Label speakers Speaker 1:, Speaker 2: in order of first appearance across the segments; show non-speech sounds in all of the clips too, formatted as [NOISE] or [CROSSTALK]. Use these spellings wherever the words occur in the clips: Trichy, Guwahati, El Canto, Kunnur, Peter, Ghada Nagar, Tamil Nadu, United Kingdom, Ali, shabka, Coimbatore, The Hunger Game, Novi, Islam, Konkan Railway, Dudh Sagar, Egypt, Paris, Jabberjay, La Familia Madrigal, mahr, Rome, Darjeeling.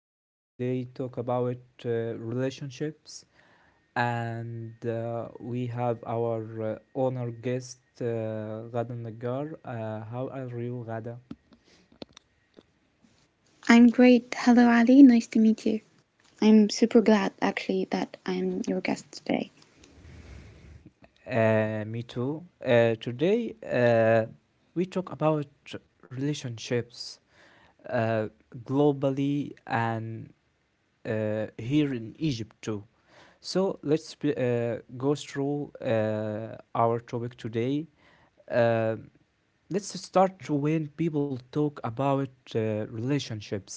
Speaker 1: we today talk about uh, relationships, and we have our honor guest Ghada Nagar. How are you, Ghada?
Speaker 2: I'm great. Hello, Ali. Nice to meet you. I'm super glad, actually, that I'm your guest today.
Speaker 1: Me too. Today, we talk about relationships uh, globally and here in Egypt too. So let's go through our topic today. Uh, let's start when people talk about relationships.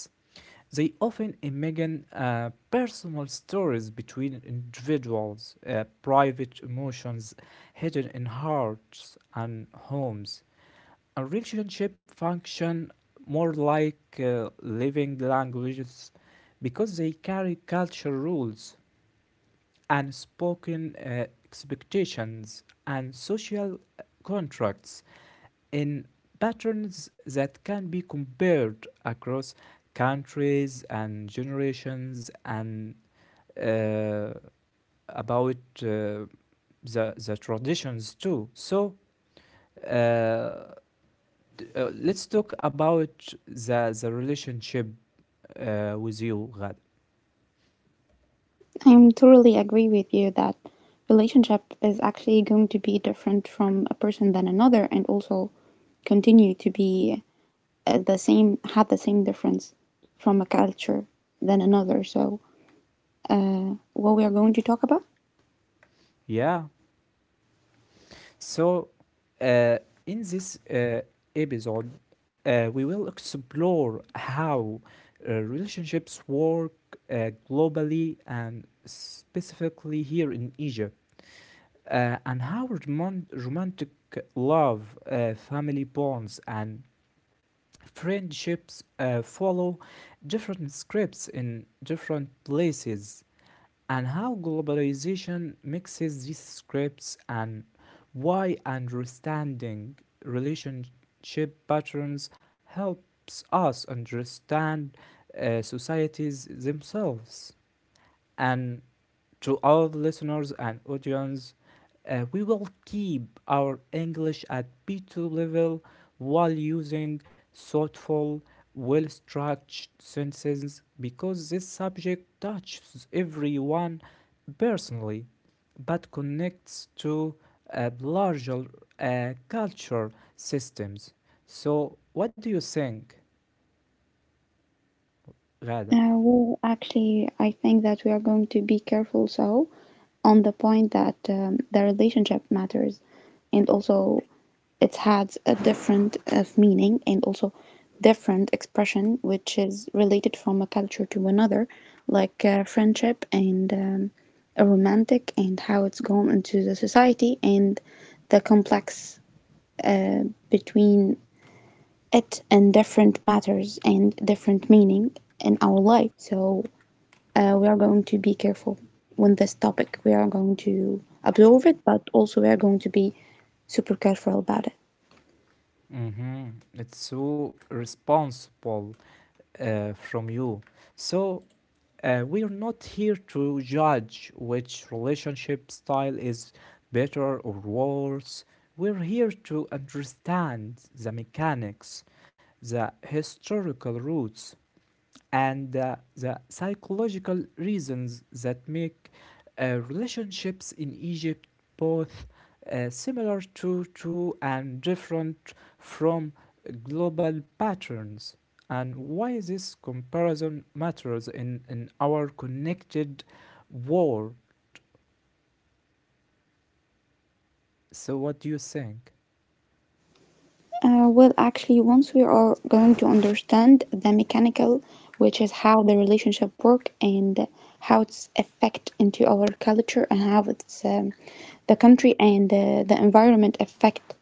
Speaker 1: They often imagine personal stories between individuals, private emotions hidden in hearts and homes. A relationship function more like living languages, because they carry cultural rules, unspoken expectations, and social contracts in patterns that can be compared across countries and generations and uh, about uh, the, the traditions too. So uh, let's talk about the relationship with you, Ghad.
Speaker 2: I totally agree with you that relationship is actually going to be different from a person than another, and also continue to be the same, have the same difference from a culture than another. So, what we are going to talk about?
Speaker 1: Yeah. So, uh, in this episode, we will explore how relationships work globally and specifically here in Egypt, and how romantic love, family bonds, and friendships follow different scripts in different places, and how globalization mixes these scripts, and why understanding relationship patterns helps us understand societies themselves, and to all the listeners and audience, we will keep our English at B2 level while using thoughtful, well structured sentences because this subject touches everyone personally but connects to larger culture systems. So, what do you think, Gada?
Speaker 2: Well, actually, I think that we are going to be careful so on the point that the relationship matters and also it has a different of meaning and also different expression which is related from a culture to another like friendship and a romantic and how it's gone into the society and the complex uh, between it and different matters and different meaning in our life so we are going to be careful with this topic. We are going to absorb it, but also we are going to be super careful about it.
Speaker 1: Mm-hmm. It's so responsible from you. So, we are not here to judge which relationship style is better or worse. We're here to understand the mechanics, the historical roots, and the psychological reasons that make relationships in Egypt both similar to and different from global patterns, and why this comparison matters in our connected world. So, what do you think?
Speaker 2: Well, actually, once we are going to understand the mechanical, which is how the relationship work and how it's affect into our culture and how it's the country and the environment affect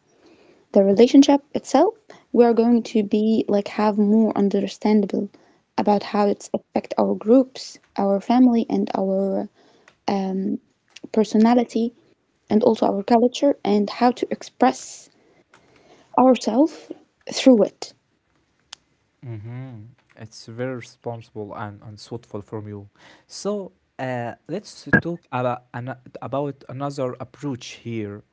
Speaker 2: the relationship itself, we are going to be like have more understandable about how it's affect our groups, our family, and our um, personality, and also our culture, and how to express ourselves through it.
Speaker 1: Mm-hmm. It's very responsible and thoughtful from you. So, let's talk about another approach here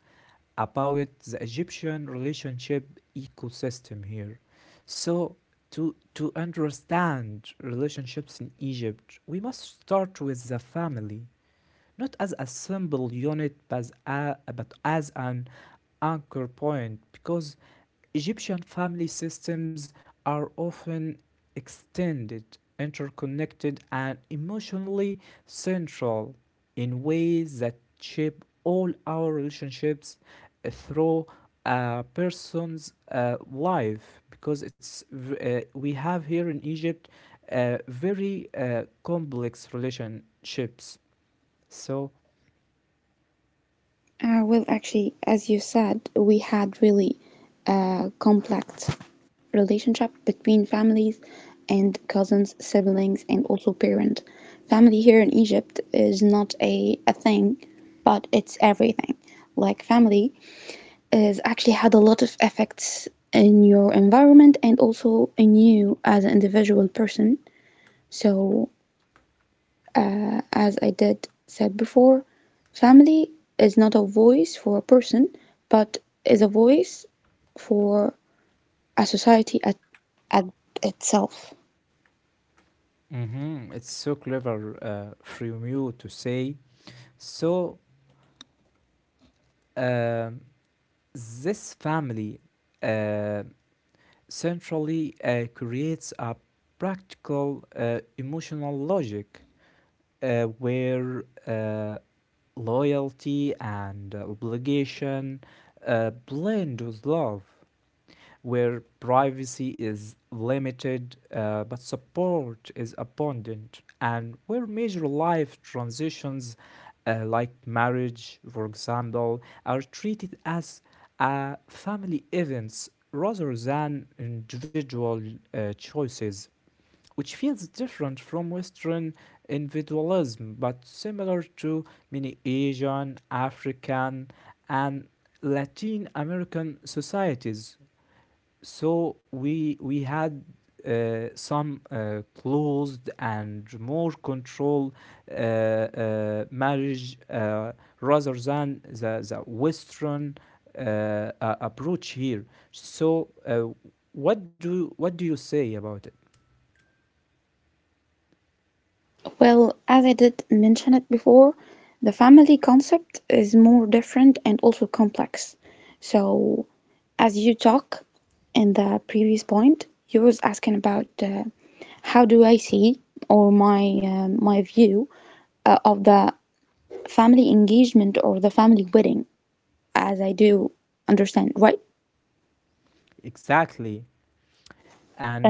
Speaker 1: about the Egyptian relationship ecosystem here. So to understand relationships in Egypt, we must start with the family, not as a simple unit but as an anchor point, because Egyptian family systems are often extended, interconnected, and emotionally central in ways that shape all our relationships through a person's life, because it's we have here in Egypt very complex relationships. So
Speaker 2: Well, actually, as you said, we had really complex relationship between families and cousins, siblings, and also parent. Family here in Egypt is not a thing, but it's everything. Like family is actually had a lot of effects in your environment and also in you as an individual person. So, as I did said before, family is not a voice for a person, but is a voice for a society at itself.
Speaker 1: mhm, it's so clever from you to say. So um, this family uh, centrally creates a practical emotional logic where loyalty and obligation blend with love, where privacy is limited but support is abundant, and where major life transitions like marriage, for example, are treated as family events rather than individual choices, which feels different from Western individualism but similar to many Asian, African, and Latin American societies. So we had some closed and more control marriage, rather than the Western approach here. So what do you say about it?
Speaker 2: Well, as I did mention it before, the family concept is more different and also complex. So, as you talk in the previous point, you was asking about how do I see or my my view of the family engagement or the family wedding, as I do understand, right?
Speaker 1: Exactly?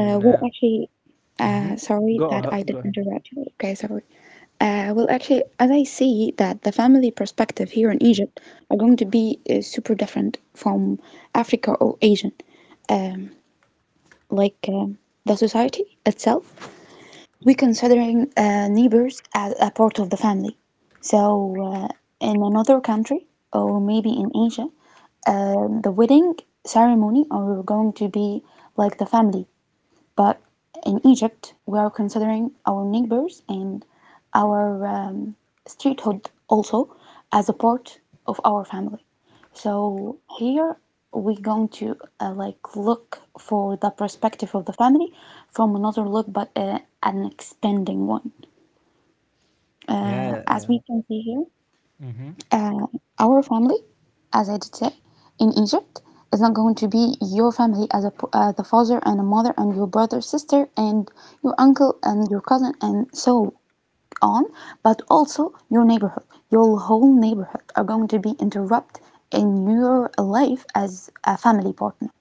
Speaker 2: Uh, well, actually,
Speaker 1: mhm.
Speaker 2: sorry that I did
Speaker 1: Go ahead.
Speaker 2: interrupt you. Okay, sorry. Well, actually, as I see that the family perspective here in Egypt are going to be super different from Africa or Asian. Um, like um, the society itself, we considering neighbors as a part of the family. So uh, in another country or maybe in Asia, the wedding ceremony are going to be like the family. But in Egypt, we are considering our neighbors and our streethood also as a part of our family. So here we're going to like look for the perspective of the family from another look, but an expanding one. As
Speaker 1: Yeah.
Speaker 2: we can see here,
Speaker 1: Mhm.
Speaker 2: uh, our family, as I did say, in Egypt is not going to be your family as the father and a mother and your brother, sister, and your uncle and your cousin and so on, but also your neighborhood. Your whole neighborhood are going to be interrupted in your life as a family partner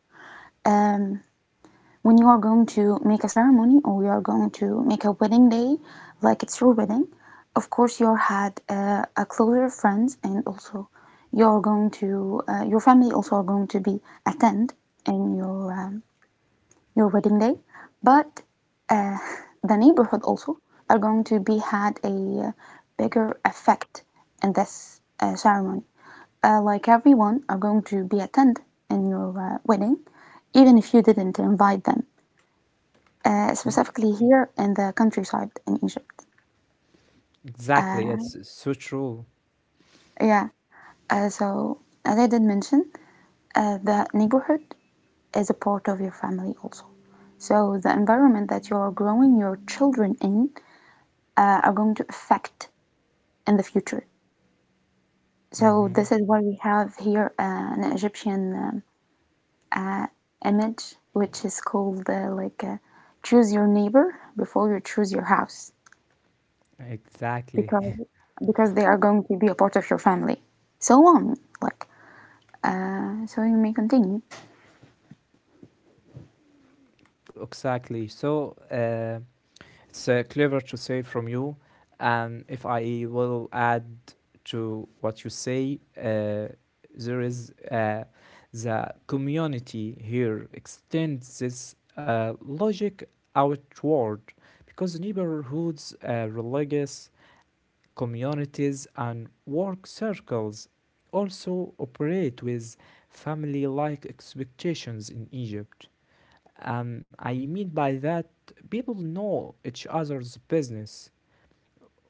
Speaker 2: when you are going to make a ceremony or you are going to make a wedding day, like it's your wedding, of course you had a closer friends and also you're going to your family also are going to be attend in your wedding day, but uh, [LAUGHS] the neighborhood also are going to be had a bigger effect in this ceremony. Like everyone are going to be attend in your wedding, even if you didn't invite them
Speaker 1: Mhm.
Speaker 2: specifically here in the countryside in Egypt.
Speaker 1: Exactly.
Speaker 2: Uh,
Speaker 1: It's so true.
Speaker 2: yeah, so as I did mention, the neighborhood is a part of your family also. So the environment that you're growing your children in are going to affect in the future. So
Speaker 1: Hmm.
Speaker 2: this is why we have here an Egyptian uh, image, which is called choose your neighbor before you choose your house,
Speaker 1: Exactly.
Speaker 2: because they are going to be a part of your family so on like so you may continue.
Speaker 1: Exactly. So it's clever to say from you, and if I will add to what you say, there is the community here extends this logic outward because neighborhoods, religious communities, and work circles also operate with family-like expectations in Egypt. I mean by that, people know each other's business,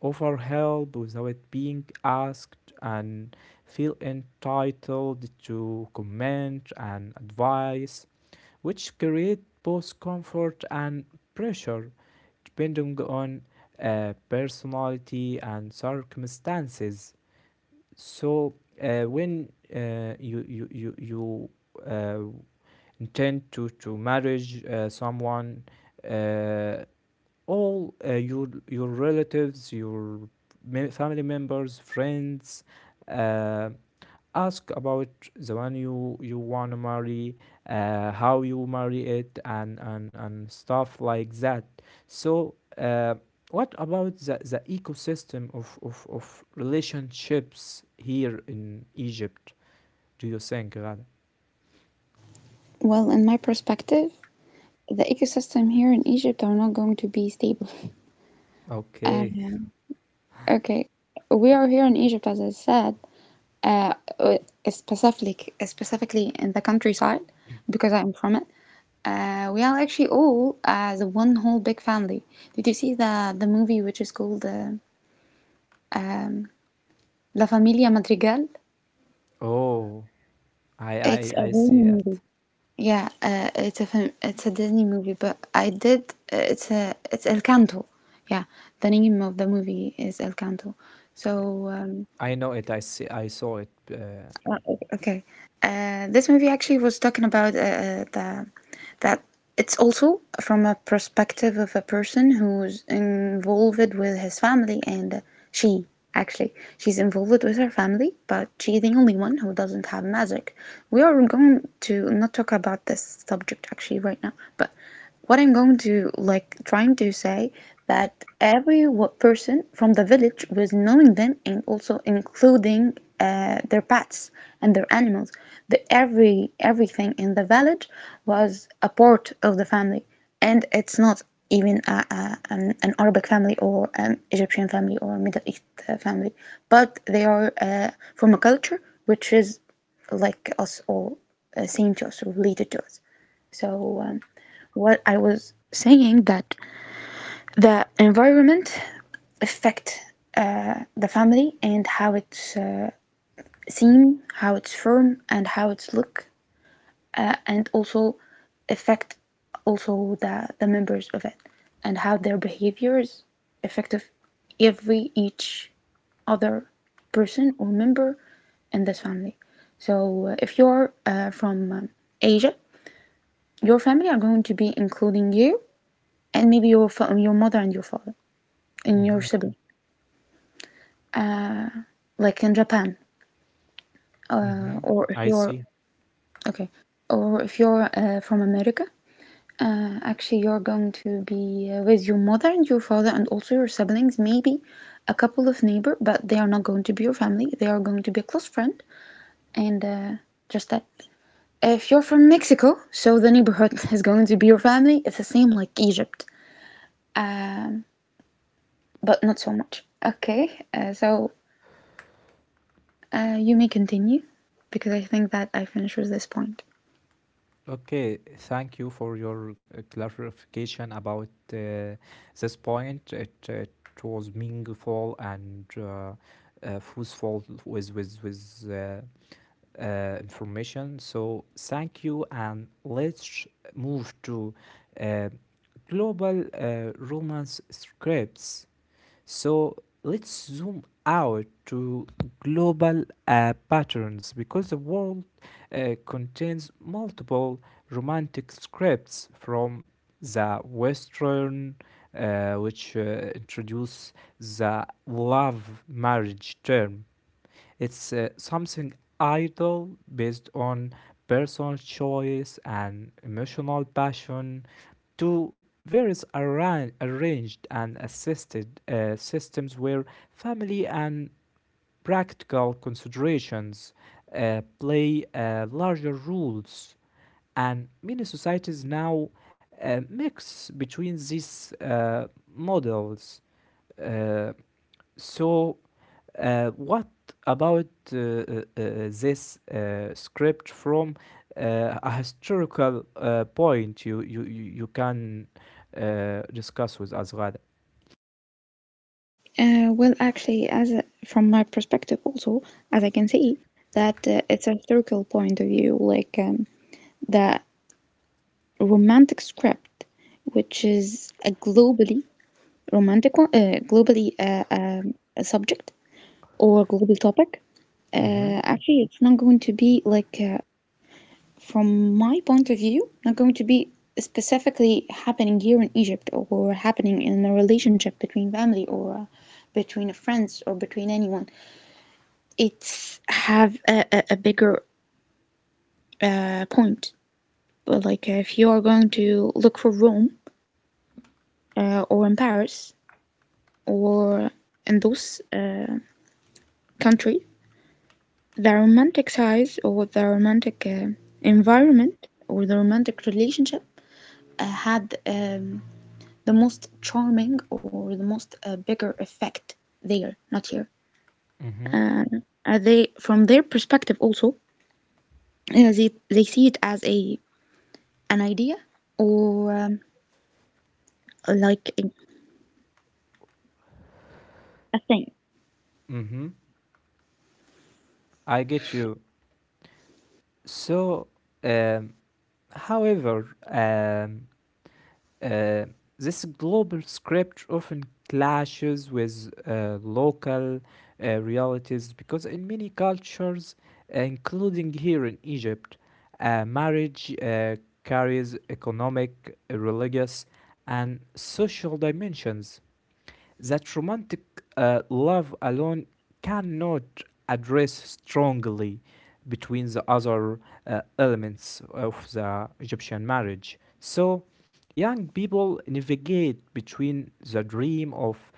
Speaker 1: offer help without being asked, and feel entitled to comment and advice, which create both comfort and pressure depending on personality and circumstances. So when you uh, intend to marriage someone, uh, all your relatives, your family members, friends uh, ask about the one you want to marry, how you marry it, and stuff like that. So what about the ecosystem of relationships here in Egypt, do you think, Ghada?
Speaker 2: Well, in my perspective, the ecosystem here in Egypt are not going to be stable. [LAUGHS] Uh,
Speaker 1: Okay.
Speaker 2: okay, we are here in Egypt, as I said, uh, uh, specifically in the countryside, because I'm from it. We are actually all as one whole big family. Did you see the movie which is called um, La Familia Madrigal?
Speaker 1: Oh, I I
Speaker 2: It's
Speaker 1: I see it.
Speaker 2: Yeah, it's a film, it's a Disney movie, but I did it's a it's El Canto. Yeah, the name of the movie is El Canto. So
Speaker 1: I know it. I see. I saw it.
Speaker 2: okay, this movie actually was talking about the that it's also from a perspective of a person who's involved with his family, and she actually she's involved with her family, but she's the only one who doesn't have magic. We are going to not talk about this subject actually right now, but. What I'm going to like trying to say that every person from the village was knowing them and also including their pets and their animals. The everything in the village was a part of the family, and it's not even an Arabic family or an Egyptian family or Middle East family, but they are from a culture which is like us or same to us related to us. So. Um, what I was saying that the environment affect the family and how it's seen, how it's formed, and how it's look, and also affect also the members of it and how their behaviors affect every each other person or member in this family. So if you're from Asia, your family are going to be including you and maybe your mother and your father in your
Speaker 1: Mhm,
Speaker 2: city, like in Japan,
Speaker 1: mhm.
Speaker 2: or if
Speaker 1: I
Speaker 2: you're
Speaker 1: see.
Speaker 2: okay, or if you're from America, actually you're going to be with your mother and your father and also your siblings, maybe a couple of neighbor, but they are not going to be your family. They are going to be a close friend, and just that. If you're from Mexico, so the neighborhood [LAUGHS] is going to be your family. It's the same like Egypt, um, but not so much. Okay, so you may continue because I think that I finished with this point.
Speaker 1: Okay. Thank you for your clarification about this point. It was meaningful and useful with with information. So thank you, and let's move to uh, global romance scripts. So let's zoom out to global patterns because the world contains multiple romantic scripts, from the Western, which introduce the love marriage term. It's something idle based on personal choice and emotional passion, to various arranged and assisted systems where family and practical considerations play larger roles, and many societies now mix between these models. Uh, so what about this script from a historical point you can discuss with Azrada?
Speaker 2: Well, actually, from my perspective, also, as I can see, that it's a historical point of view, like the romantic script, which is a globally romantic one, globally a subject or global topic.
Speaker 1: Mm-hmm.
Speaker 2: Actually, it's not going to be like, from my point of view, not going to be specifically happening here in Egypt or happening in a relationship between family or between friends or between anyone, it's have a bigger point. But like if you are going to look for Rome or in Paris or in those country, the romantic size or the romantic environment or the romantic relationship had the most charming or the most bigger effect there, not here.
Speaker 1: Mm-hmm.
Speaker 2: Uh, they from their perspective also they see it as a an idea or like a thing.
Speaker 1: Mm-hmm. I get you. So, um, however, Uh, this global script often clashes with local realities because in many cultures, including here in Egypt, marriage carries economic, religious, and social dimensions that romantic love alone cannot address strongly between the other elements of the Egyptian marriage. So, young people navigate between the dream of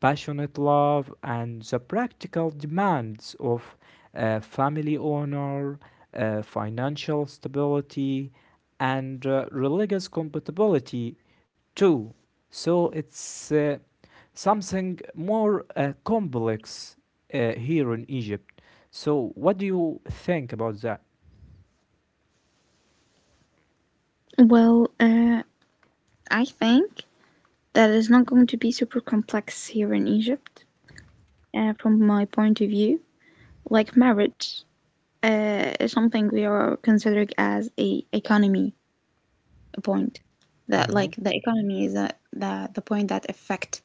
Speaker 1: passionate love and the practical demands of family honor, financial stability, and religious compatibility, too. So, it's something more complex here in Egypt. So, what do you think about that?
Speaker 2: Well, I think that is not going to be super complex here in Egypt, from my point of view. Like marriage, is something we are considering as a economy point. That
Speaker 1: Mm-hmm.
Speaker 2: like the economy is the point that affect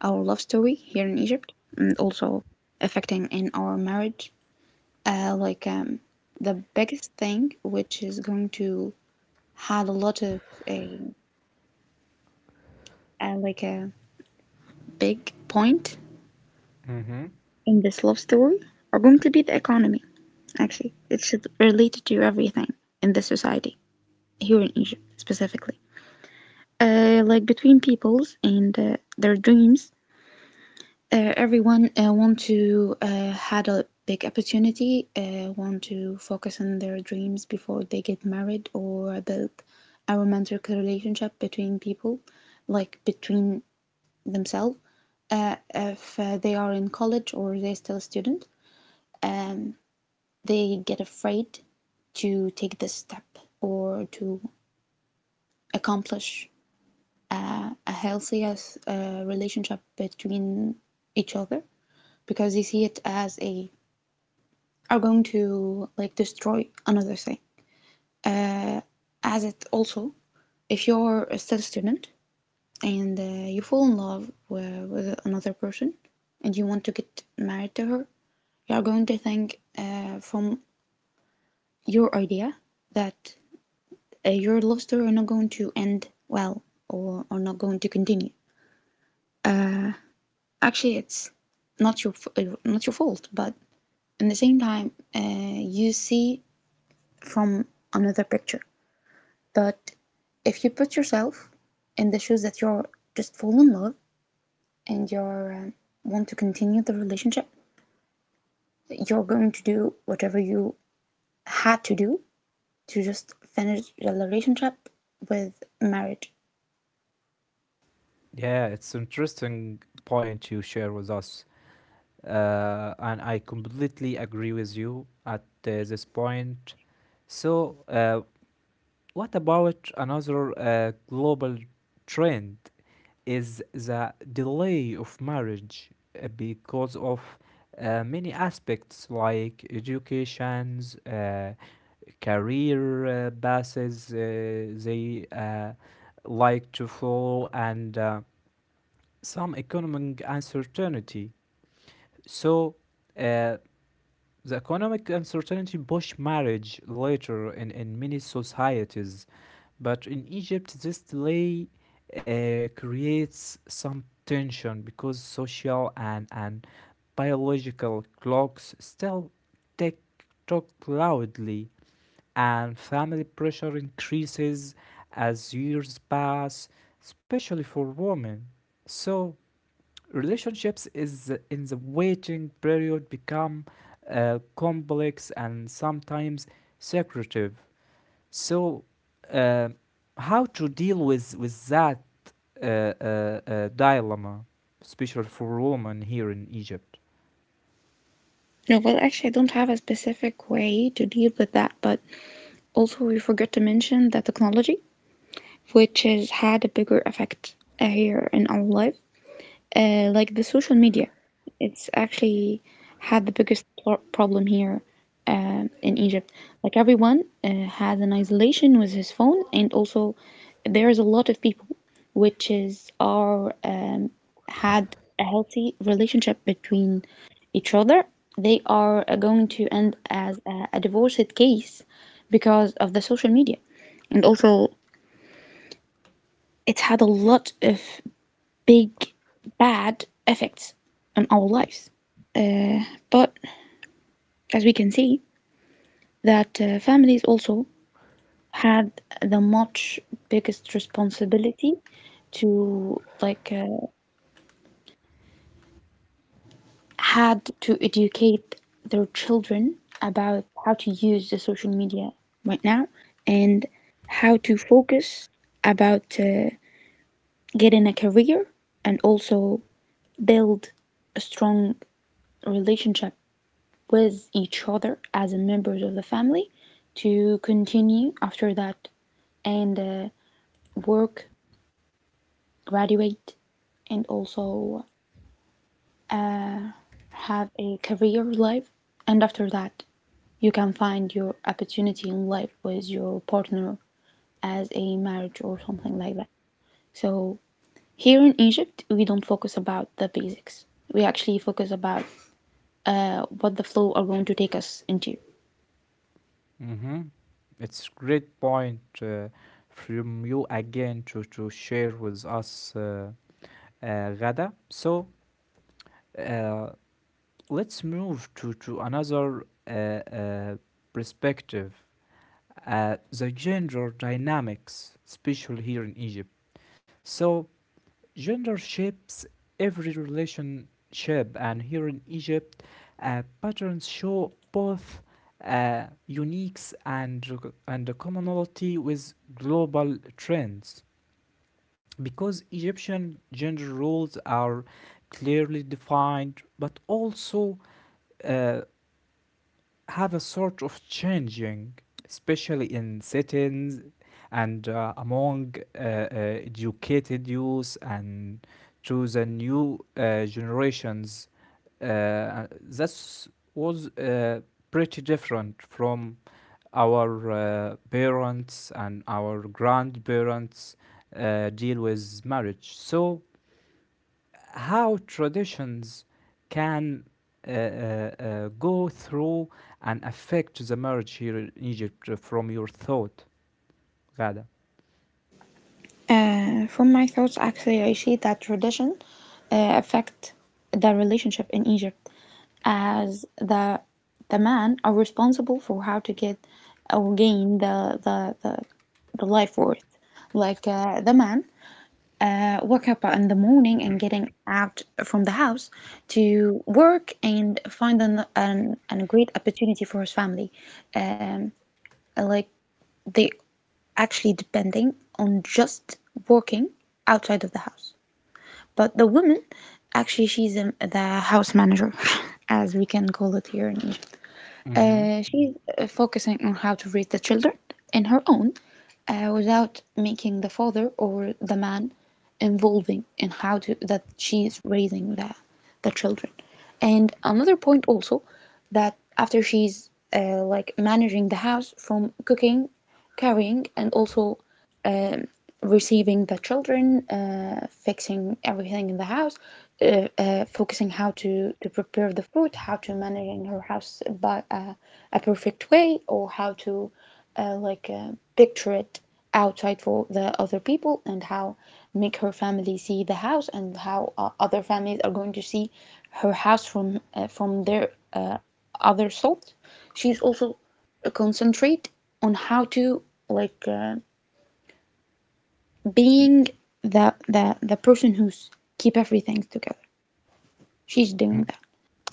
Speaker 2: our love story here in Egypt, and also affecting in our marriage. Like the biggest thing, which is going to had a lot of a, like a big point
Speaker 1: Mm-hmm.
Speaker 2: in this love story are going to be the economy, actually. It's related to everything in the society, here in Egypt specifically. Like between peoples and their dreams, everyone want to had a big opportunity, want to focus on their dreams before they get married or build a romantic relationship between people, like between themselves, if they are in college or they're still a student. um, they get afraid to take this step or to accomplish a healthy relationship between each other because they see it as a are going to like destroy another thing as it also if you're a still a student and you fall in love with another person and you want to get married to her, you are going to think from your idea that your love story are not going to end well or are not going to continue. Actually, it's not your not your fault, but in the same time, you see from another picture. But if you put yourself in the shoes that you're just fall in love and you're want to continue the relationship, you're going to do whatever you had to do to just finish the relationship with marriage.
Speaker 1: Yeah, it's interesting point you share with us, and I completely agree with you at this point. So, what about another global trend is the delay of marriage because of many aspects like educations, career passes they like to follow, and some economic uncertainty. So uh, the economic uncertainty push marriage later in many societies, but in Egypt, this delay creates some tension because social and biological clocks still tick tock loudly, and family pressure increases as years pass, especially for women. So, relationships is in the waiting period become complex and sometimes secretive. So, uh, how to deal with that dilemma, especially for women here in Egypt?
Speaker 2: No, well, actually, I don't have a specific way to deal with that, but also we forgot to mention the technology, which has had a bigger effect here in our life. Like the social media, it's actually had the biggest problem here in Egypt. Like everyone has an isolation with his phone, and also there is a lot of people which is are had a healthy relationship between each other. They are going to end as a divorced case because of the social media, and also it's had a lot of big bad effects on our lives. But as we can see, that families also had the much biggest responsibility to like had to educate their children about how to use the social media right now and how to focus about getting a career and also build a strong relationship with each other as members of the family to continue after that and work, graduate, and also uh, have a career life. And after that, you can find your opportunity in life with your partner as a marriage or something like that. So here in Egypt, we don't focus about the basics. We actually focus about what the flow are going to take us into.
Speaker 1: Hmm. It's great point from you again to share with us, Gada. So, uh, let's move to another perspective, the gender dynamics, especially here in Egypt. So, gender shapes every relationship, and here in Egypt, patterns show both uniques and the commonality with global trends, because Egyptian gender roles are clearly defined, but also uh, have a sort of changing, especially in cities and among educated youth and to the new generations. That was pretty different from our parents and our grandparents deal with marriage. So how traditions can go through and affect the marriage here in Egypt from your thought, Gada.
Speaker 2: From my thoughts, actually, I see that tradition affect the relationship in Egypt, as the men are responsible for how to get or gain the life worth. Like the man wake up in the morning and getting out from the house to work and find an great opportunity for his family. Um, like they actually depending on just working outside of the house. But the woman, actually, she's the house manager, [LAUGHS] as we can call it here in Egypt.
Speaker 1: Mm-hmm.
Speaker 2: She's focusing on how to raise the children in her own without making the father or the man involving in how to that she's raising the children. And another point also that after she's like managing the house from cooking, carrying, and also um, receiving the children, fixing everything in the house, focusing how to prepare the food, how to manage her house by a perfect way, or how to uh, like uh, picture it outside for the other people, and how make her family see the house, and how other families are going to see her house from their other side. She's also concentrate on how to like. Being the person who's keep everything together. She's
Speaker 1: Mm.
Speaker 2: doing that.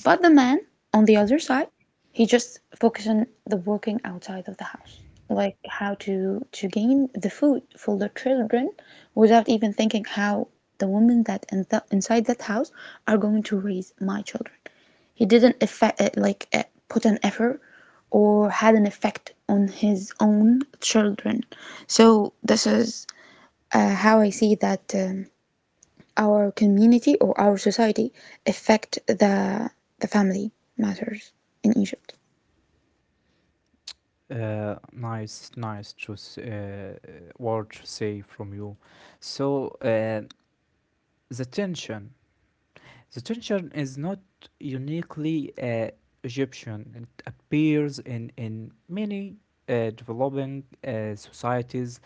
Speaker 2: But the man on the other side, he just focus on the working outside of the house, like how to gain the food for the children without even thinking how the women that in inside that house are going to raise my children. He didn't effect, put an effort or had an effect on his own children. So this is how I see that our community or our society affect the family matters in Egypt.
Speaker 1: Nice, nice to word to say from you. So uh, the tension, the tension is not uniquely Egyptian. It appears in many developing societies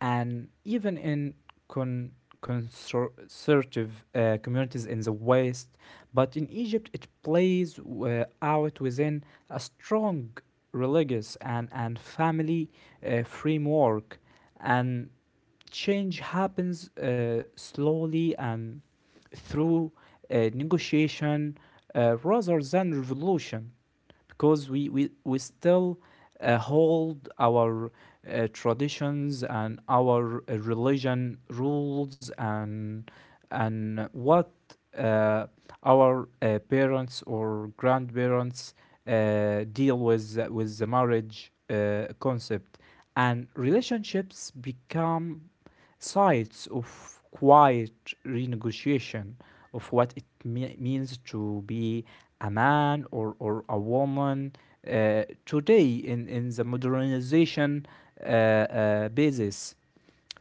Speaker 1: and even in con- conservative communities in the West. But in Egypt, it plays out within a strong religious and family framework, and change happens slowly and through negotiation rather than revolution, because we still hold our traditions and our religion rules and what uh, our parents or grandparents deal with the marriage concept, and relationships become sides of quiet renegotiation of what it means to be a man or a woman today in the modernization basis.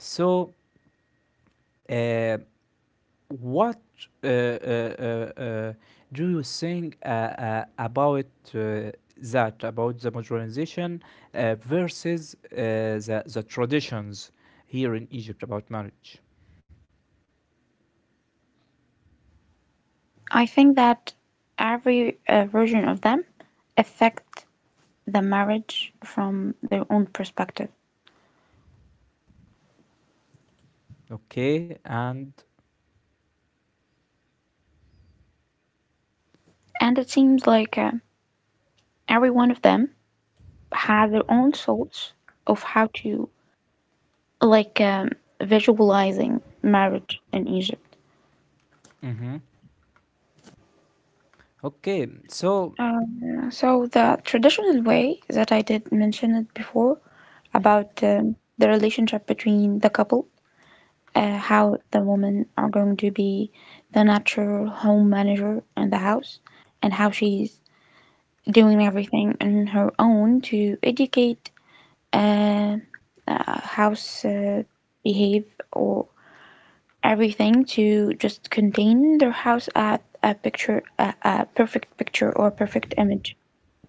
Speaker 1: So, uh, what uh, uh, uh, uh, do you think about uh, that, about the modernization versus the traditions here in Egypt about marriage?
Speaker 2: I think that every version of them affect the marriage from their own perspective.
Speaker 1: Okay, and
Speaker 2: And it seems like every one of them has their own thoughts of how to, like, visualizing marriage in Egypt.
Speaker 1: Mm-hmm. okay, so
Speaker 2: So the traditional way that I did mention it before about the relationship between the couple, how the women are going to be the natural home manager in the house, and how she's doing everything on her own to educate uh, house behave or everything to just contain their house at a picture, a perfect picture or perfect image.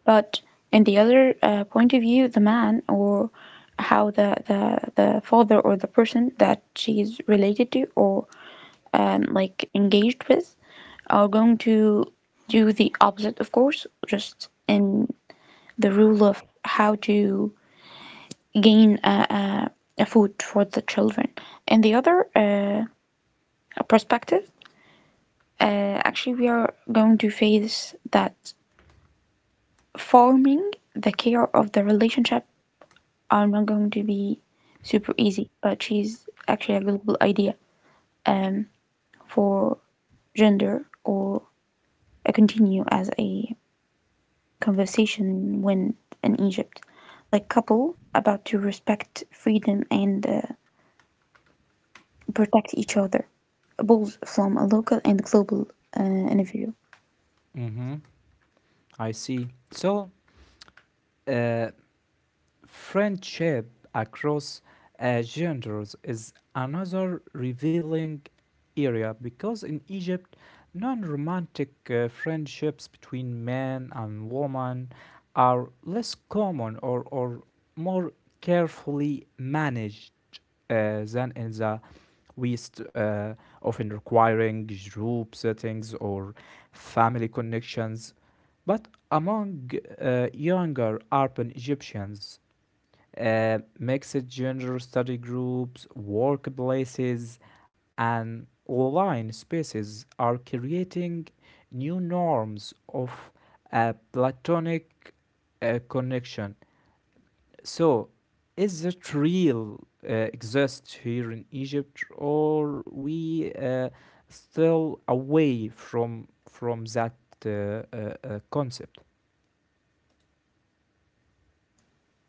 Speaker 2: But in the other point of view, the man or how the father or the person that she's related to or like engaged with are going to do the opposite, of course, just in the rule of how to gain a food for the children. In the other perspective, actually, we are going to face that forming the care of the relationship are not going to be super easy, but she's actually a global idea um, for gender or a continue as a conversation when in Egypt, like couple about to respect freedom and protect each other, both from a local and global individual.
Speaker 1: Mm-hmm. I see. So, uh, friendship across genders is another revealing area because in Egypt, non romantic friendships between men and women are less common or more carefully managed than in the We st- often requiring group settings or family connections. But among younger urban Egyptians, mixed gender study groups, workplaces, and online spaces are creating new norms of a platonic connection. So, is it real exist here in Egypt, or we still away from that concept?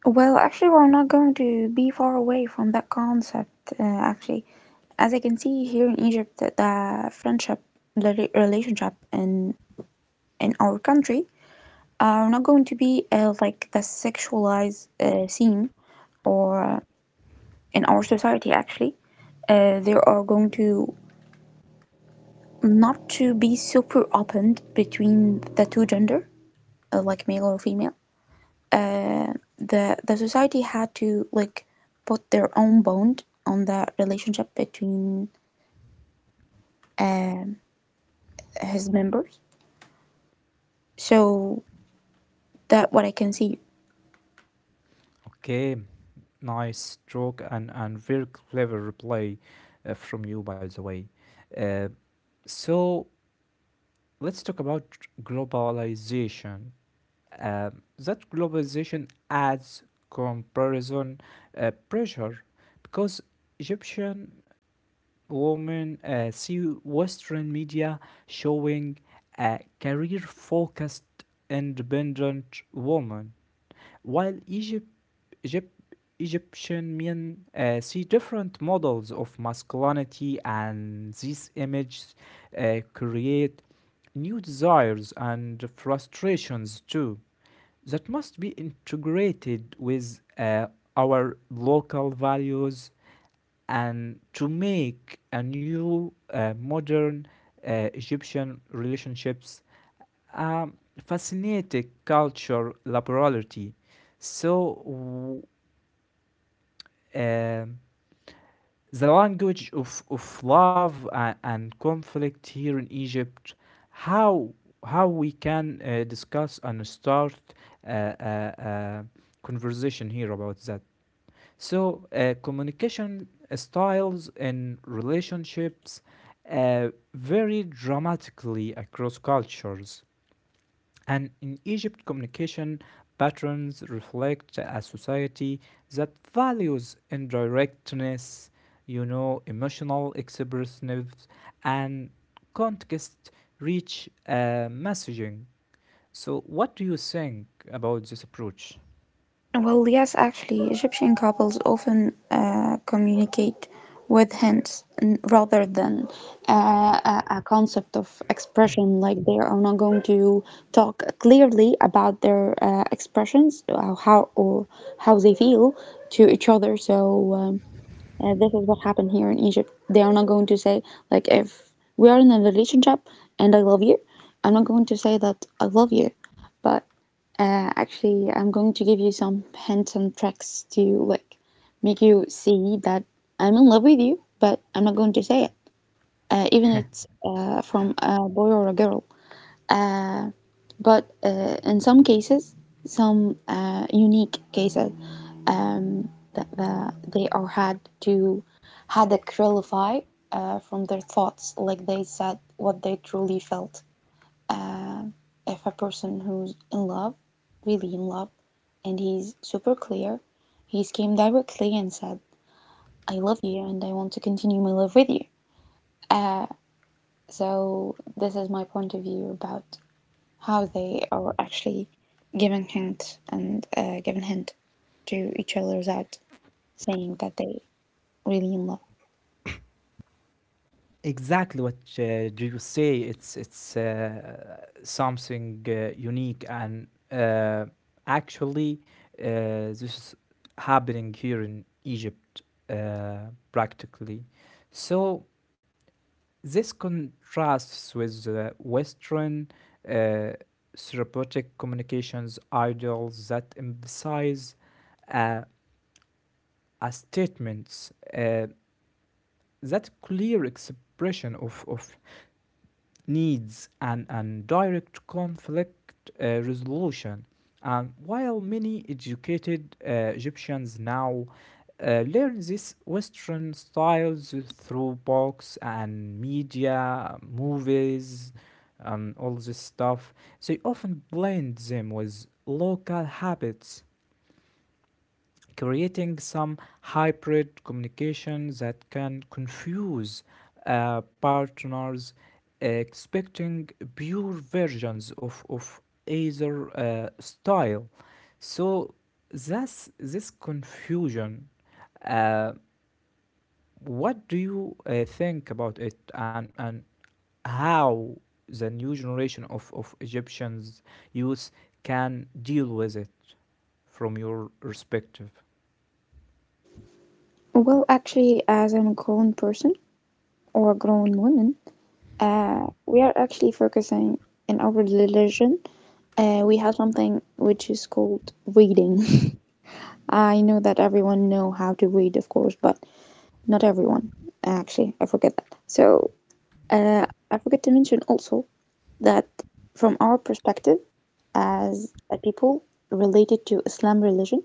Speaker 2: Well, actually, we're not going to be far away from that concept. Actually, as I can see here in Egypt, the friendship, the relationship, and in our country are not going to be like the sexualized scene or in our society actually they are going to not to be super opened between the two gender like male or female uh, the society had to like put their own bond on the relationship between um his members so that what I can see.
Speaker 1: Okay, nice stroke and very clever reply from you, by the way. Uh, so let's talk about globalization. That globalization adds comparison pressure because Egyptian women see Western media showing a career focused, independent woman, while Egypt Egyptian men see different models of masculinity, and these images create new desires and frustrations too that must be integrated with our local values and to make a new modern Egyptian relationships a fascinating cultural laboratory. So w- um, the language of love and conflict here in Egypt, how how we can discuss and start a uh, uh, conversation here about that. So, communication styles and relationships uh, vary dramatically across cultures. And in Egypt, communication patterns reflect a society that values indirectness, emotional expressiveness, and context rich messaging. So, what do you think about this approach?
Speaker 2: Well, yes, actually, Egyptian couples often communicate with hints rather than a concept of expression. Like they are not going to talk clearly about their expressions, or how they feel to each other. So. And this is what happened here in Egypt. They are not going to say, like, if we are in a relationship and I love you, I'm not going to say that I love you, but actually, I'm going to give you some hints and tricks to like make you see that I'm in love with you, but I'm not going to say it, even it's from a boy or a girl, but in some cases, some unique cases, um, that they are had to had to clarify from their thoughts, like they said what they truly felt. Uh, if a person who's in love, really in love, and he's super clear, he's came directly and said, "I love you, and I want to continue my love with you." Uh, so this is my point of view about how they are actually giving hint and giving hint to each other without saying that they really in love.
Speaker 1: Exactly what you say. It's something unique, and actually, this is happening here in Egypt uh, practically. So this contrasts with Western uh, therapeutic communications ideals that emphasize uh, a statements that clear expression of needs an direct conflict resolution. And while many educated Egyptians now learn these Western styles through books and media, movies, and all this stuff, they often blend them with local habits creating some hybrid communication that can confuse partners expecting pure versions of either style. So that's this confusion. Uh, what do you think about it and how the new generation of Egyptians youth can deal with it from your perspective?
Speaker 2: Well, actually, as I'm a grown person or a grown woman, we are actually focusing in our religion. We have something which is called reading. [LAUGHS] I know that everyone know how to read, of course, but not everyone. Actually, I forget that. So uh, I forget to mention also that from our perspective as a people related to Islam religion,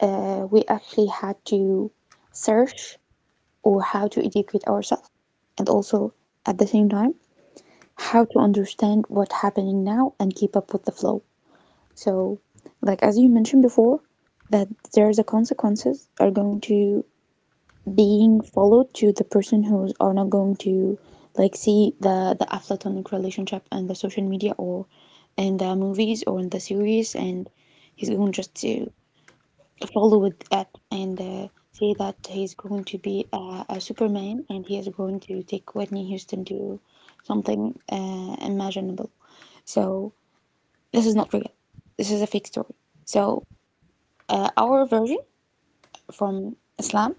Speaker 2: we actually had to search or how to educate ourselves and also at the same time how to understand what's happening now and keep up with the flow. So like as you mentioned before, that there's a consequences are going to being followed to the person who are not going to like see the aflatonic relationship and the social media or in the movies or in the series, and he's going just to follow with that and say that he's going to be a superman, and he is going to take Whitney Houston to something imaginable. So this is not real, this is a fake story. So our version from Islam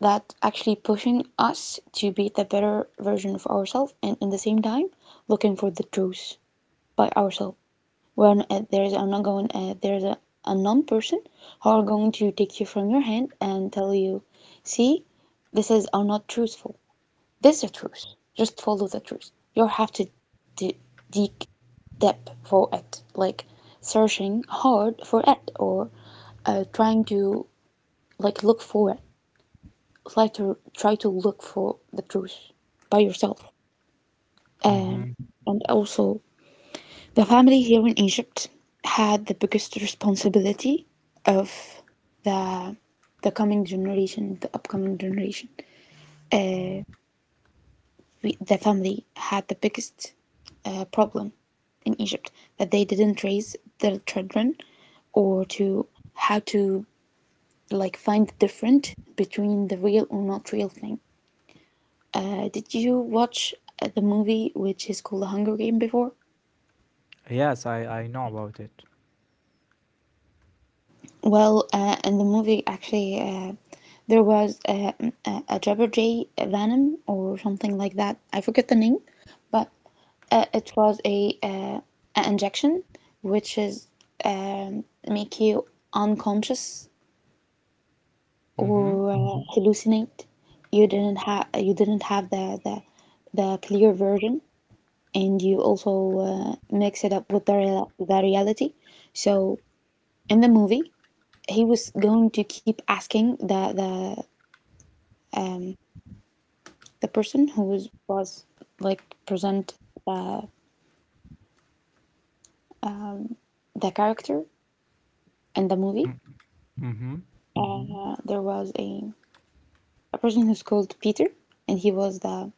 Speaker 2: that actually pushing us to be the better version of ourselves, and in the same time looking for the truth by ourselves when there's an ongoing there's a non-person who are going to take you from your hand and tell you, see, this is are not truthful, this is a truth, just follow the truth. You have to d- dig de deep for it, like searching hard for it or trying to like look for it, try to look for the truth by yourself.
Speaker 1: Mm-hmm.
Speaker 2: Um, and also, the family here in Egypt had the biggest responsibility of the the coming generation, the upcoming generation. Uh, we, the family had the biggest problem in Egypt that they didn't raise their children or to how to like find the difference between the real or not real thing. Did you watch the movie which is called The Hunger Game before?
Speaker 1: Yes, I know about it.
Speaker 2: Well, in the movie, actually, there was a Jabberjay Venom or something like that. I forget the name, but it was a an injection which is um, make you unconscious
Speaker 1: Mm-hmm.
Speaker 2: or hallucinate. You didn't have the clear version, and you also mix it up with the, the reality. So in the movie, he was going to keep asking the person who was like present, uh, the character in the movie.
Speaker 1: Mm, mm-hmm.
Speaker 2: There was a person who's called Peter, and he was the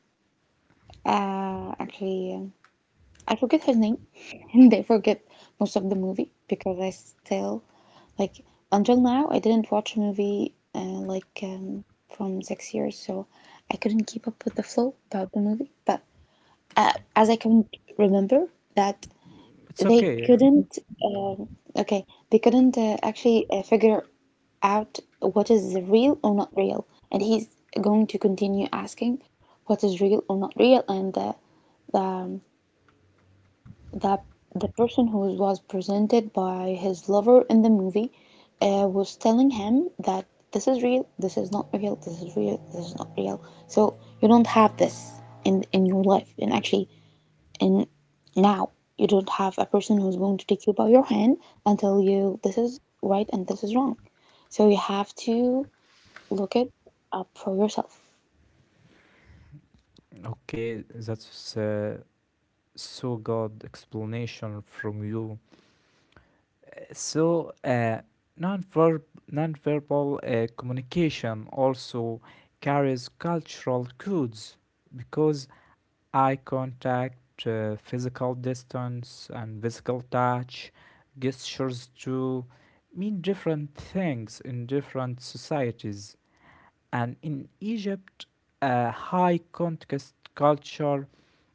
Speaker 2: actually I forget her name, [LAUGHS] and they forget most of the movie because I still like until now I didn't watch a movie from 6 years, so I couldn't keep up with the flow about the movie. But as I can remember that
Speaker 1: It's
Speaker 2: they
Speaker 1: okay.
Speaker 2: couldn't, um okay, they couldn't actually figure out what is real or not real, and he's going to continue asking what is real or not real, and the that the person who was presented by his lover in the movie was telling him that this is real, this is not real, this is real, this is not real. So you don't have this in your life, and actually, in now you don't have a person who's going to take you by your hand and tell you this is right and this is wrong. So you have to look it up for yourself.
Speaker 1: Okay, that's so good explanation from you. Uh, So, uh, non-verb, Non-verbal communication also carries cultural codes because eye contact, physical distance, and physical touch, gestures too, mean different things in different societies. And in Egypt, a high context culture,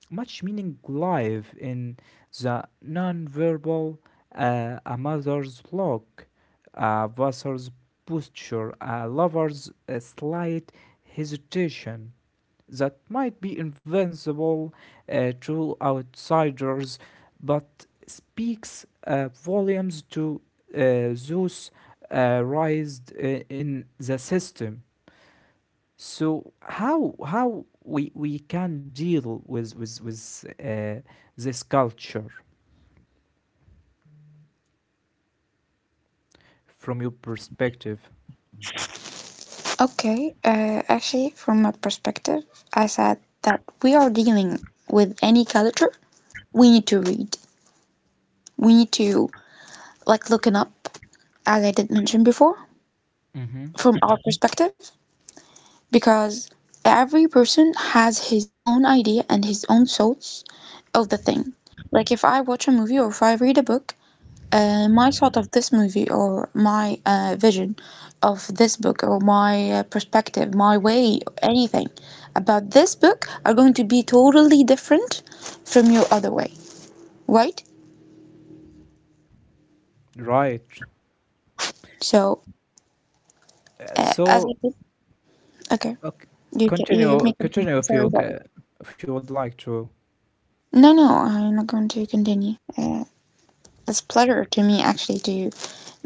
Speaker 1: much meaning live in the nonverbal, a mother's look, a vessel's posture, a lover's slight hesitation that might be invincible to outsiders, but speaks volumes to uh, those raised in the system. So how we can deal with this culture from your perspective?
Speaker 2: Okay, actually, from my perspective, I said that we are dealing with any culture, we need to read. We need to like looking up, as I did mention before,
Speaker 1: Hmm.
Speaker 2: from our perspective, because every person has his own idea and his own thoughts of the thing. Like if I watch a movie or if I read a book, my thought of this movie or my vision of this book or my perspective, my way, anything about this book are going to be totally different from your other way, right?
Speaker 1: Right.
Speaker 2: So,
Speaker 1: Uh,
Speaker 2: as I
Speaker 1: So
Speaker 2: did, okay,
Speaker 1: okay.
Speaker 2: you you
Speaker 1: continue
Speaker 2: make it.
Speaker 1: continue
Speaker 2: Sorry, sorry.
Speaker 1: if you would like to.
Speaker 2: No, no, I'm not going to continue. It's a pleasure to me actually to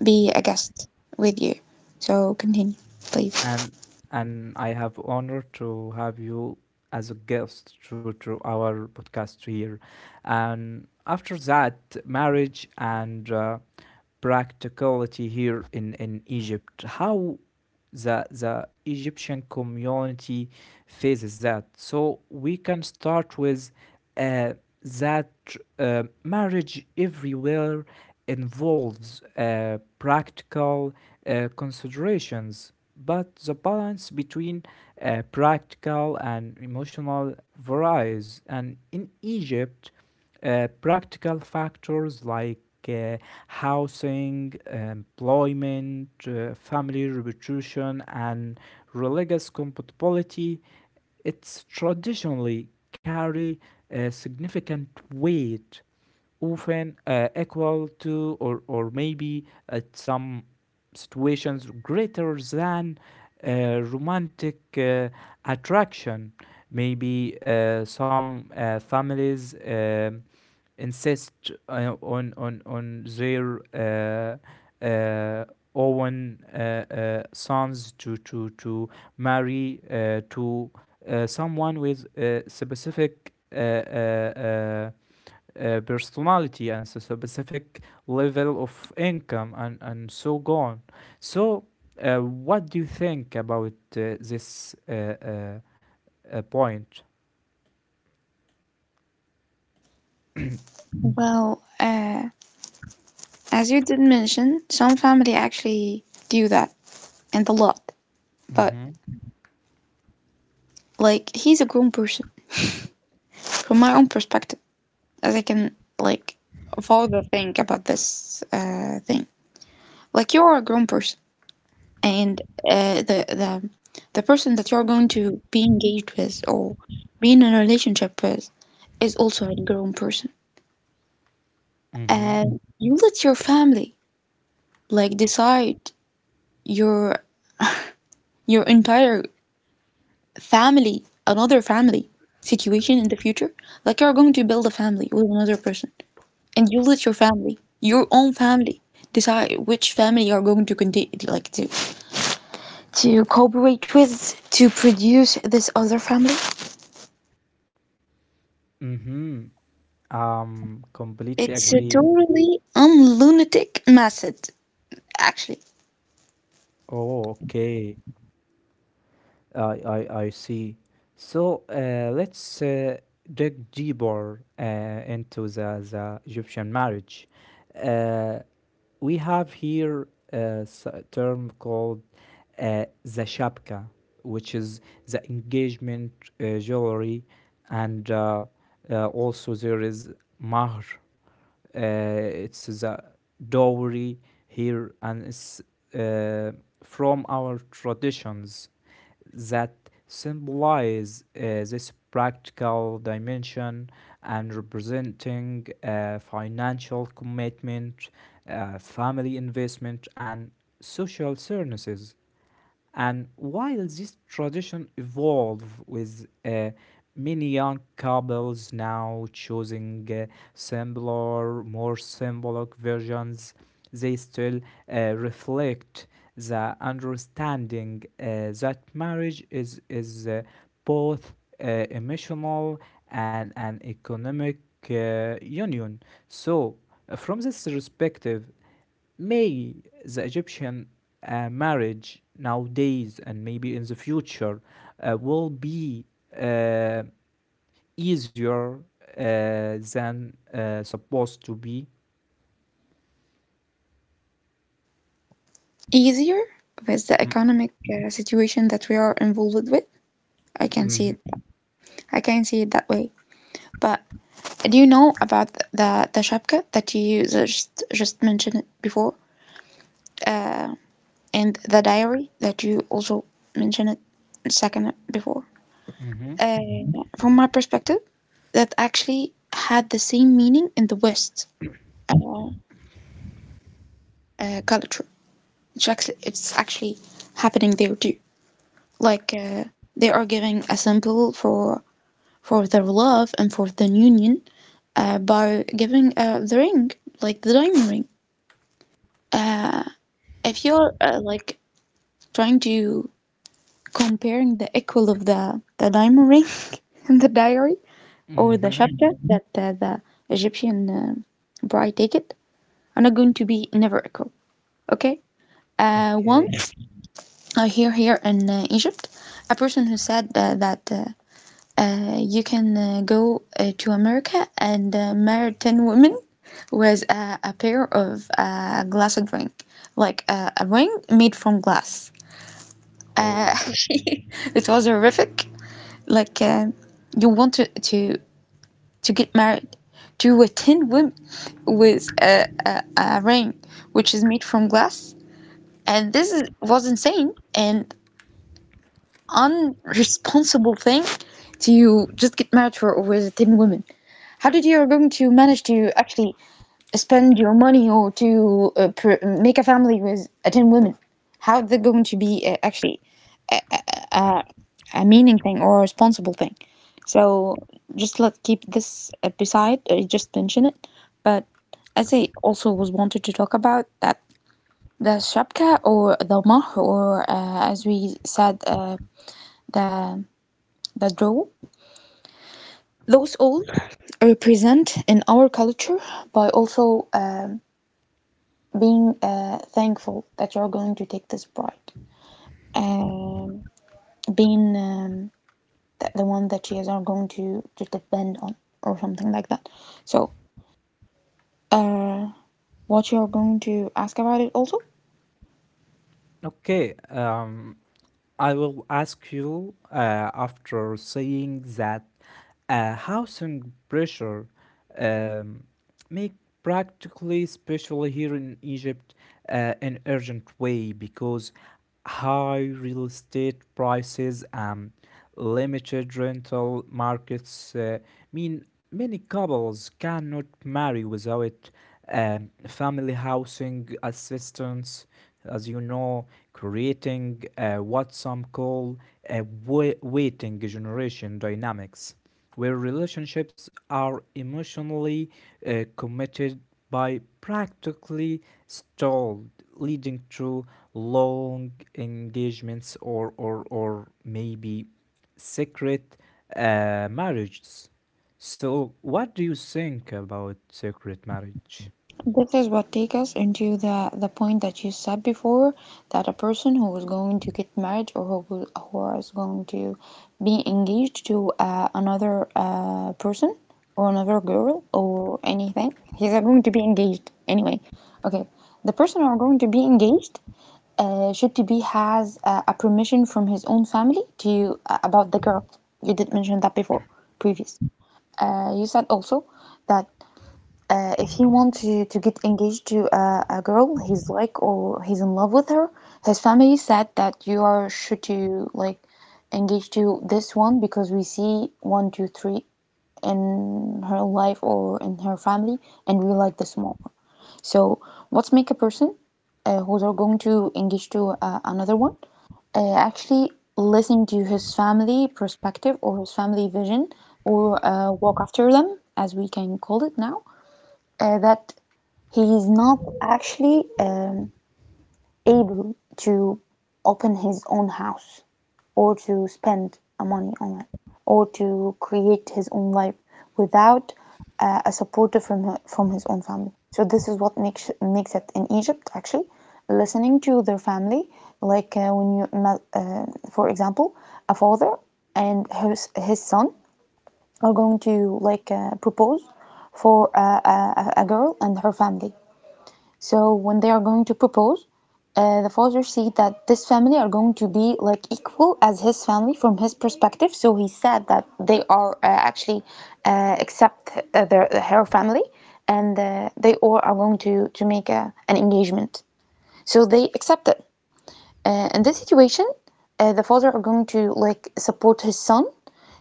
Speaker 2: be a guest with you. So continue, please.
Speaker 1: and and I have honor to have you as a guest to our podcast here, and after that marriage and. Practicality here in Egypt. How the Egyptian community faces that. So we can start with uh, that marriage everywhere involves practical considerations, but the balance between practical and emotional varies. And in Egypt, practical factors like uh, housing, employment, family reputation, and religious compatibility, it's traditionally carry a significant weight, often equal to or maybe at some situations greater than romantic attraction. Maybe some families insist on their own sons to marry to someone with a specific uh, personality and a specific level of income and so on. So, what do you think about this point?
Speaker 2: Well. As you did mention, some family actually do that, and a lot. But
Speaker 1: Mm-hmm.
Speaker 2: like, he's a grown person. From my own perspective, as I can like further think about this thing, like you're a grown person, and uh, the the the person that you're going to be engaged with or be in a relationship with is also a grown person.
Speaker 1: Mm-hmm.
Speaker 2: And you let your family like decide your your entire family, another family situation in the future, like you're going to build a family with another person, and you let your family, your own family, decide which family you're going to continue, like to cooperate with to produce this other family.
Speaker 1: Mm-hmm. Completely
Speaker 2: It's a
Speaker 1: agree.
Speaker 2: totally unlunatic method, actually.
Speaker 1: Oh, okay. I see. So, let's dig deeper into the Egyptian marriage. Uh, we have here term called the shabka, which is the engagement jewelry, and also there is mahr. It's the dowry here, and it's uh, from our traditions that symbolize this practical dimension and representing financial commitment, family investment, and social services. And while this tradition evolved with many young couples now choosing simpler, more symbolic versions, they still reflect the understanding that marriage is both emotional and an economic union. So, from this perspective, may the Egyptian marriage nowadays and maybe in the future will be uh, easier than supposed to be.
Speaker 2: Easier with the economic situation that we are involved with. I can see
Speaker 1: Mm-hmm.
Speaker 2: it. I can see it that way. But do you know about the shabka that you just mentioned before, uh, and the diary that you also mentioned it a second before?
Speaker 1: Mm-hmm.
Speaker 2: Uh, from my perspective, that actually had the same meaning in the West uh, culture. It's actually happening there too. Like they are giving a symbol for their love and for the union by giving the ring, like the diamond ring. If you're like trying to comparing the equal of the diamond ring [LAUGHS] in the diary or the
Speaker 1: Mm-hmm.
Speaker 2: chapter that the Egyptian bride take it are not going to be never equal. Okay. Uh,
Speaker 1: Okay.
Speaker 2: once uh, here in Egypt, a person who said that you can go to America and marry ten women was a pair of glass of drink, like a ring made from glass. Uh,
Speaker 1: Oh.
Speaker 2: [LAUGHS] it was horrific like you want to get married to a tin woman with a ring which is made from glass, and this is, was insane and unresponsible thing to just get married for with a tin woman. How did you are going to manage to actually spend your money or to make a family with a tin woman? How they're going to be actually uh, a meaning thing or a responsible thing. So just let's keep this beside, just mention it. But as I also was wanted to talk about that the shabka or the mah or as we said the the draw, those all represent in our culture by also being thankful that you're going to take this bride, um, being that the one that she is are going to depend on or something like that. So uh, what you are going to ask about it also?
Speaker 1: Okay, I will ask you after saying that housing pressure um, make practically, especially here in Egypt, in urgent way because high real estate prices and limited rental markets mean many couples cannot marry without family housing assistance, as you know, creating what some call a waiting generation dynamics where relationships are emotionally committed by practically stalled, leading to long engagements or maybe secret marriages. So, what do you think about secret marriage?
Speaker 2: This is what take us into the point that you said before that a person who is going to get married or who will, who is going to be engaged to another person or another girl or anything, he's going to be engaged anyway, okay. The person who are going to be engaged should to be has a permission from his own family to about the girl. You did mention that before previous. You said also that if he want to get engaged to a girl he's like or he's in love with her, his family said that you are should to like engage to this one because we see one, two, three in her life or in her family and we like this more. So what's make a person who's are going to engage to another one actually listen to his family perspective or his family vision or walk after them as we can call it now, that he is not actually able to open his own house or to spend money on it or to create his own life without a supporter from his own family. So this is what makes it in Egypt actually listening to their family, like when you uh, for example a father and his son are going to like propose for a girl and her family. So when they are going to propose, the father said that this family are going to be like equal as his family from his perspective. So he said that they are actually accept their her family, and they all are going to make an engagement. So they accepted. In this situation, the father are going to like support his son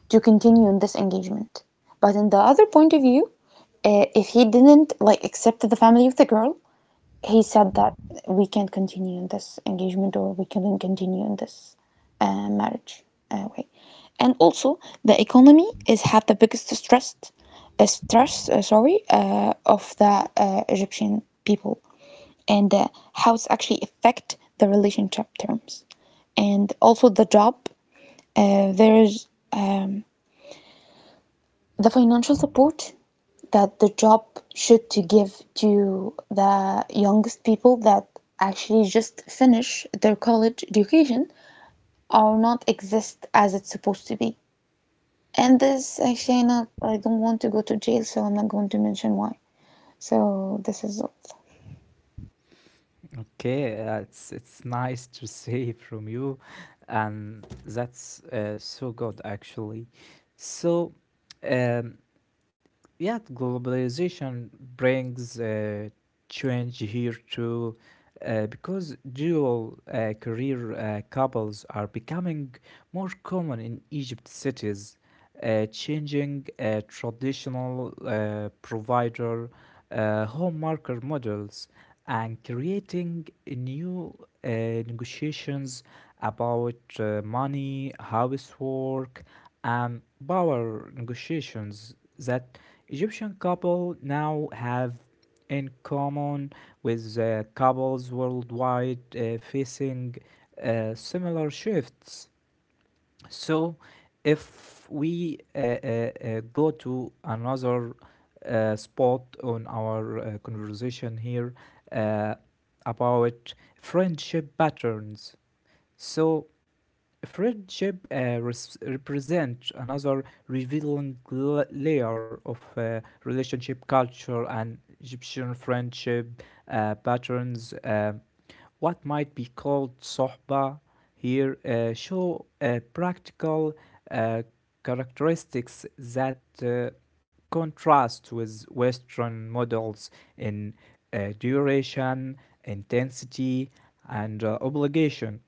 Speaker 2: to continue in this engagement. But in the other point of view, if he didn't like accept the family of the girl, he said that we can't continue in this engagement or we couldn't continue in this marriage way. And also, the economy is had the biggest stress, stress, sorry, of the Egyptian people, and how it's actually affect the relationship terms, and also the job. There is. The financial support that the job should to give to the youngest people that actually just finish their college education or not exist as it's supposed to be. And this actually not I don't want to go to jail so I'm not going to mention why. So this is all.
Speaker 1: Okay, it's nice to [LAUGHS] see from you, and that's so good actually. So, um, yeah, globalization brings change here too because dual career couples are becoming more common in Egypt cities, changing traditional provider home marker models and creating new negotiations about money, housework, and power negotiations that Egyptian couple now have in common with couples worldwide facing similar shifts. So, if we go to another spot on our conversation here uh, about friendship patterns. So friendship represents another revealing layer of relationship culture and Egyptian friendship patterns. What might be called sohba here show practical uh, characteristics that uh, contrast with Western models in duration, intensity, and obligation.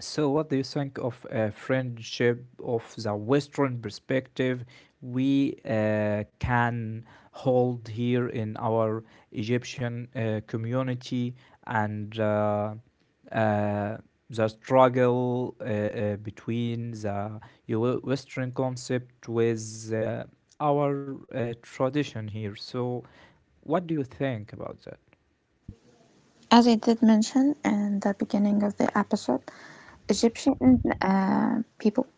Speaker 1: So, what do you think of a friendship of the Western perspective we can hold here in our Egyptian community and uh, the struggle between the Western concept with our tradition here? So, what do you think about that?
Speaker 2: As I did mention in the beginning of the episode, Egyptian people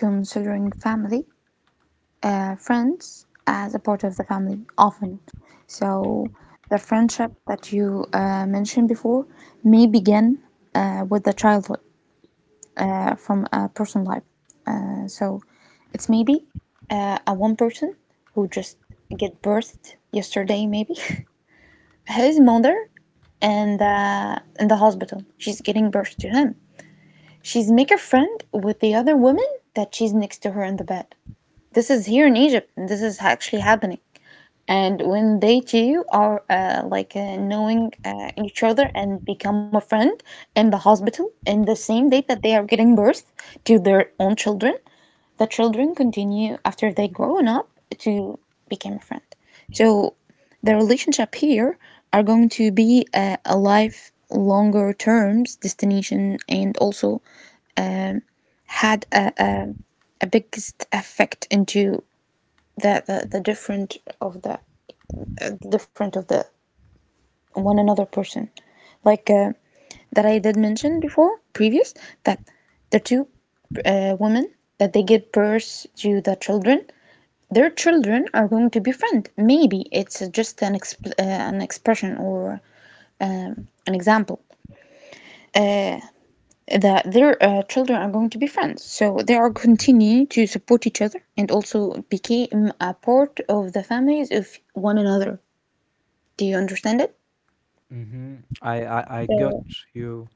Speaker 2: considering family friends as a part of the family often. So the friendship that you mentioned before may begin with the childhood from a personal life. So it's maybe a one person who just get birthed yesterday, maybe [LAUGHS] his mother and in the hospital. She's getting birth to him. She's make a friend with the other woman that she's next to her in the bed. This is here in Egypt, and this is actually happening. And when they two are like knowing each other and become a friend in the hospital in the same day that they are giving birth to their own children, the children continue after they grown up to become a friend. So the relationship here are going to be a life longer terms destination, and also um, had a biggest effect into the different of the the different of the one another person. Like that I did mention before, previous, that the two women that they give birth to the children, their children are going to be friends. Maybe it's just an expression or an example uh, that their children are going to be friends. So they are continuing to support each other and also became a part of the families of one another. Do you understand it?
Speaker 1: Hmm. I got you.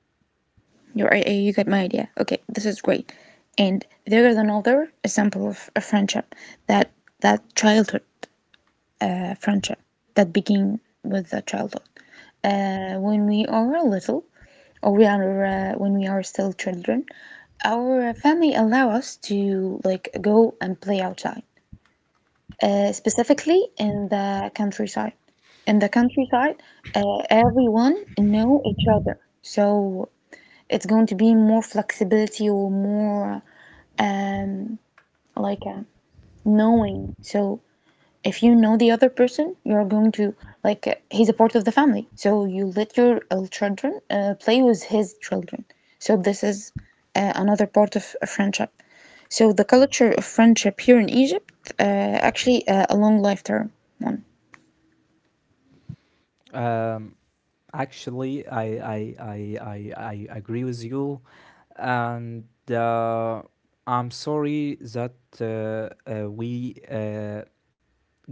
Speaker 2: You are, you get my idea. Okay, this is great. And there is another example of a friendship that that childhood friendship that begin with the childhood. When we are little, or we are when we are still children, our family allow us to like go and play outside, specifically in the countryside. In the countryside, everyone know each other, so it's going to be more flexibility or more um, like knowing. So if you know the other person, you're going to like he's a part of the family. So you let your children play with his children. So this is another part of a friendship. So the culture of friendship here in Egypt actually a long lifetime one.
Speaker 1: Um, Actually, I agree with you, and uh, I'm sorry that we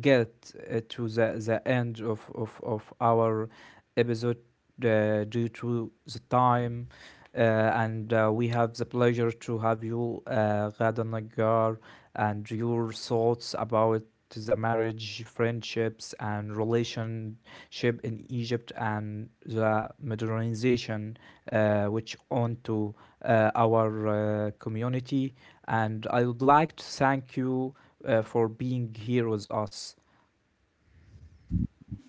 Speaker 1: get to the end of our episode due to the time. Uh, and we have the pleasure to have you, Ghada Nagar, and your thoughts about the marriage, friendships, and relationship in Egypt and the modernization which onto our community. And I would like to thank you for being here with us.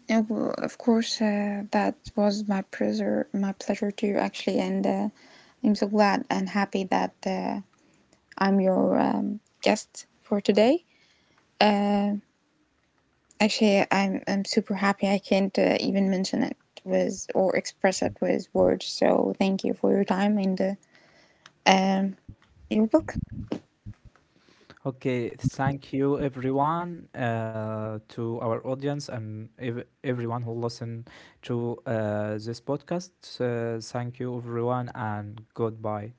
Speaker 2: And of course, that was my pleasure too, actually. And I'm so glad and happy that I'm your guest for today. Uh, Actually, I'm super happy. I can't even mention it with or express it with words. So thank you for your time, and um, you're welcome.
Speaker 1: Okay, thank you everyone to our audience and everyone who listen to this podcast. Thank you everyone and goodbye.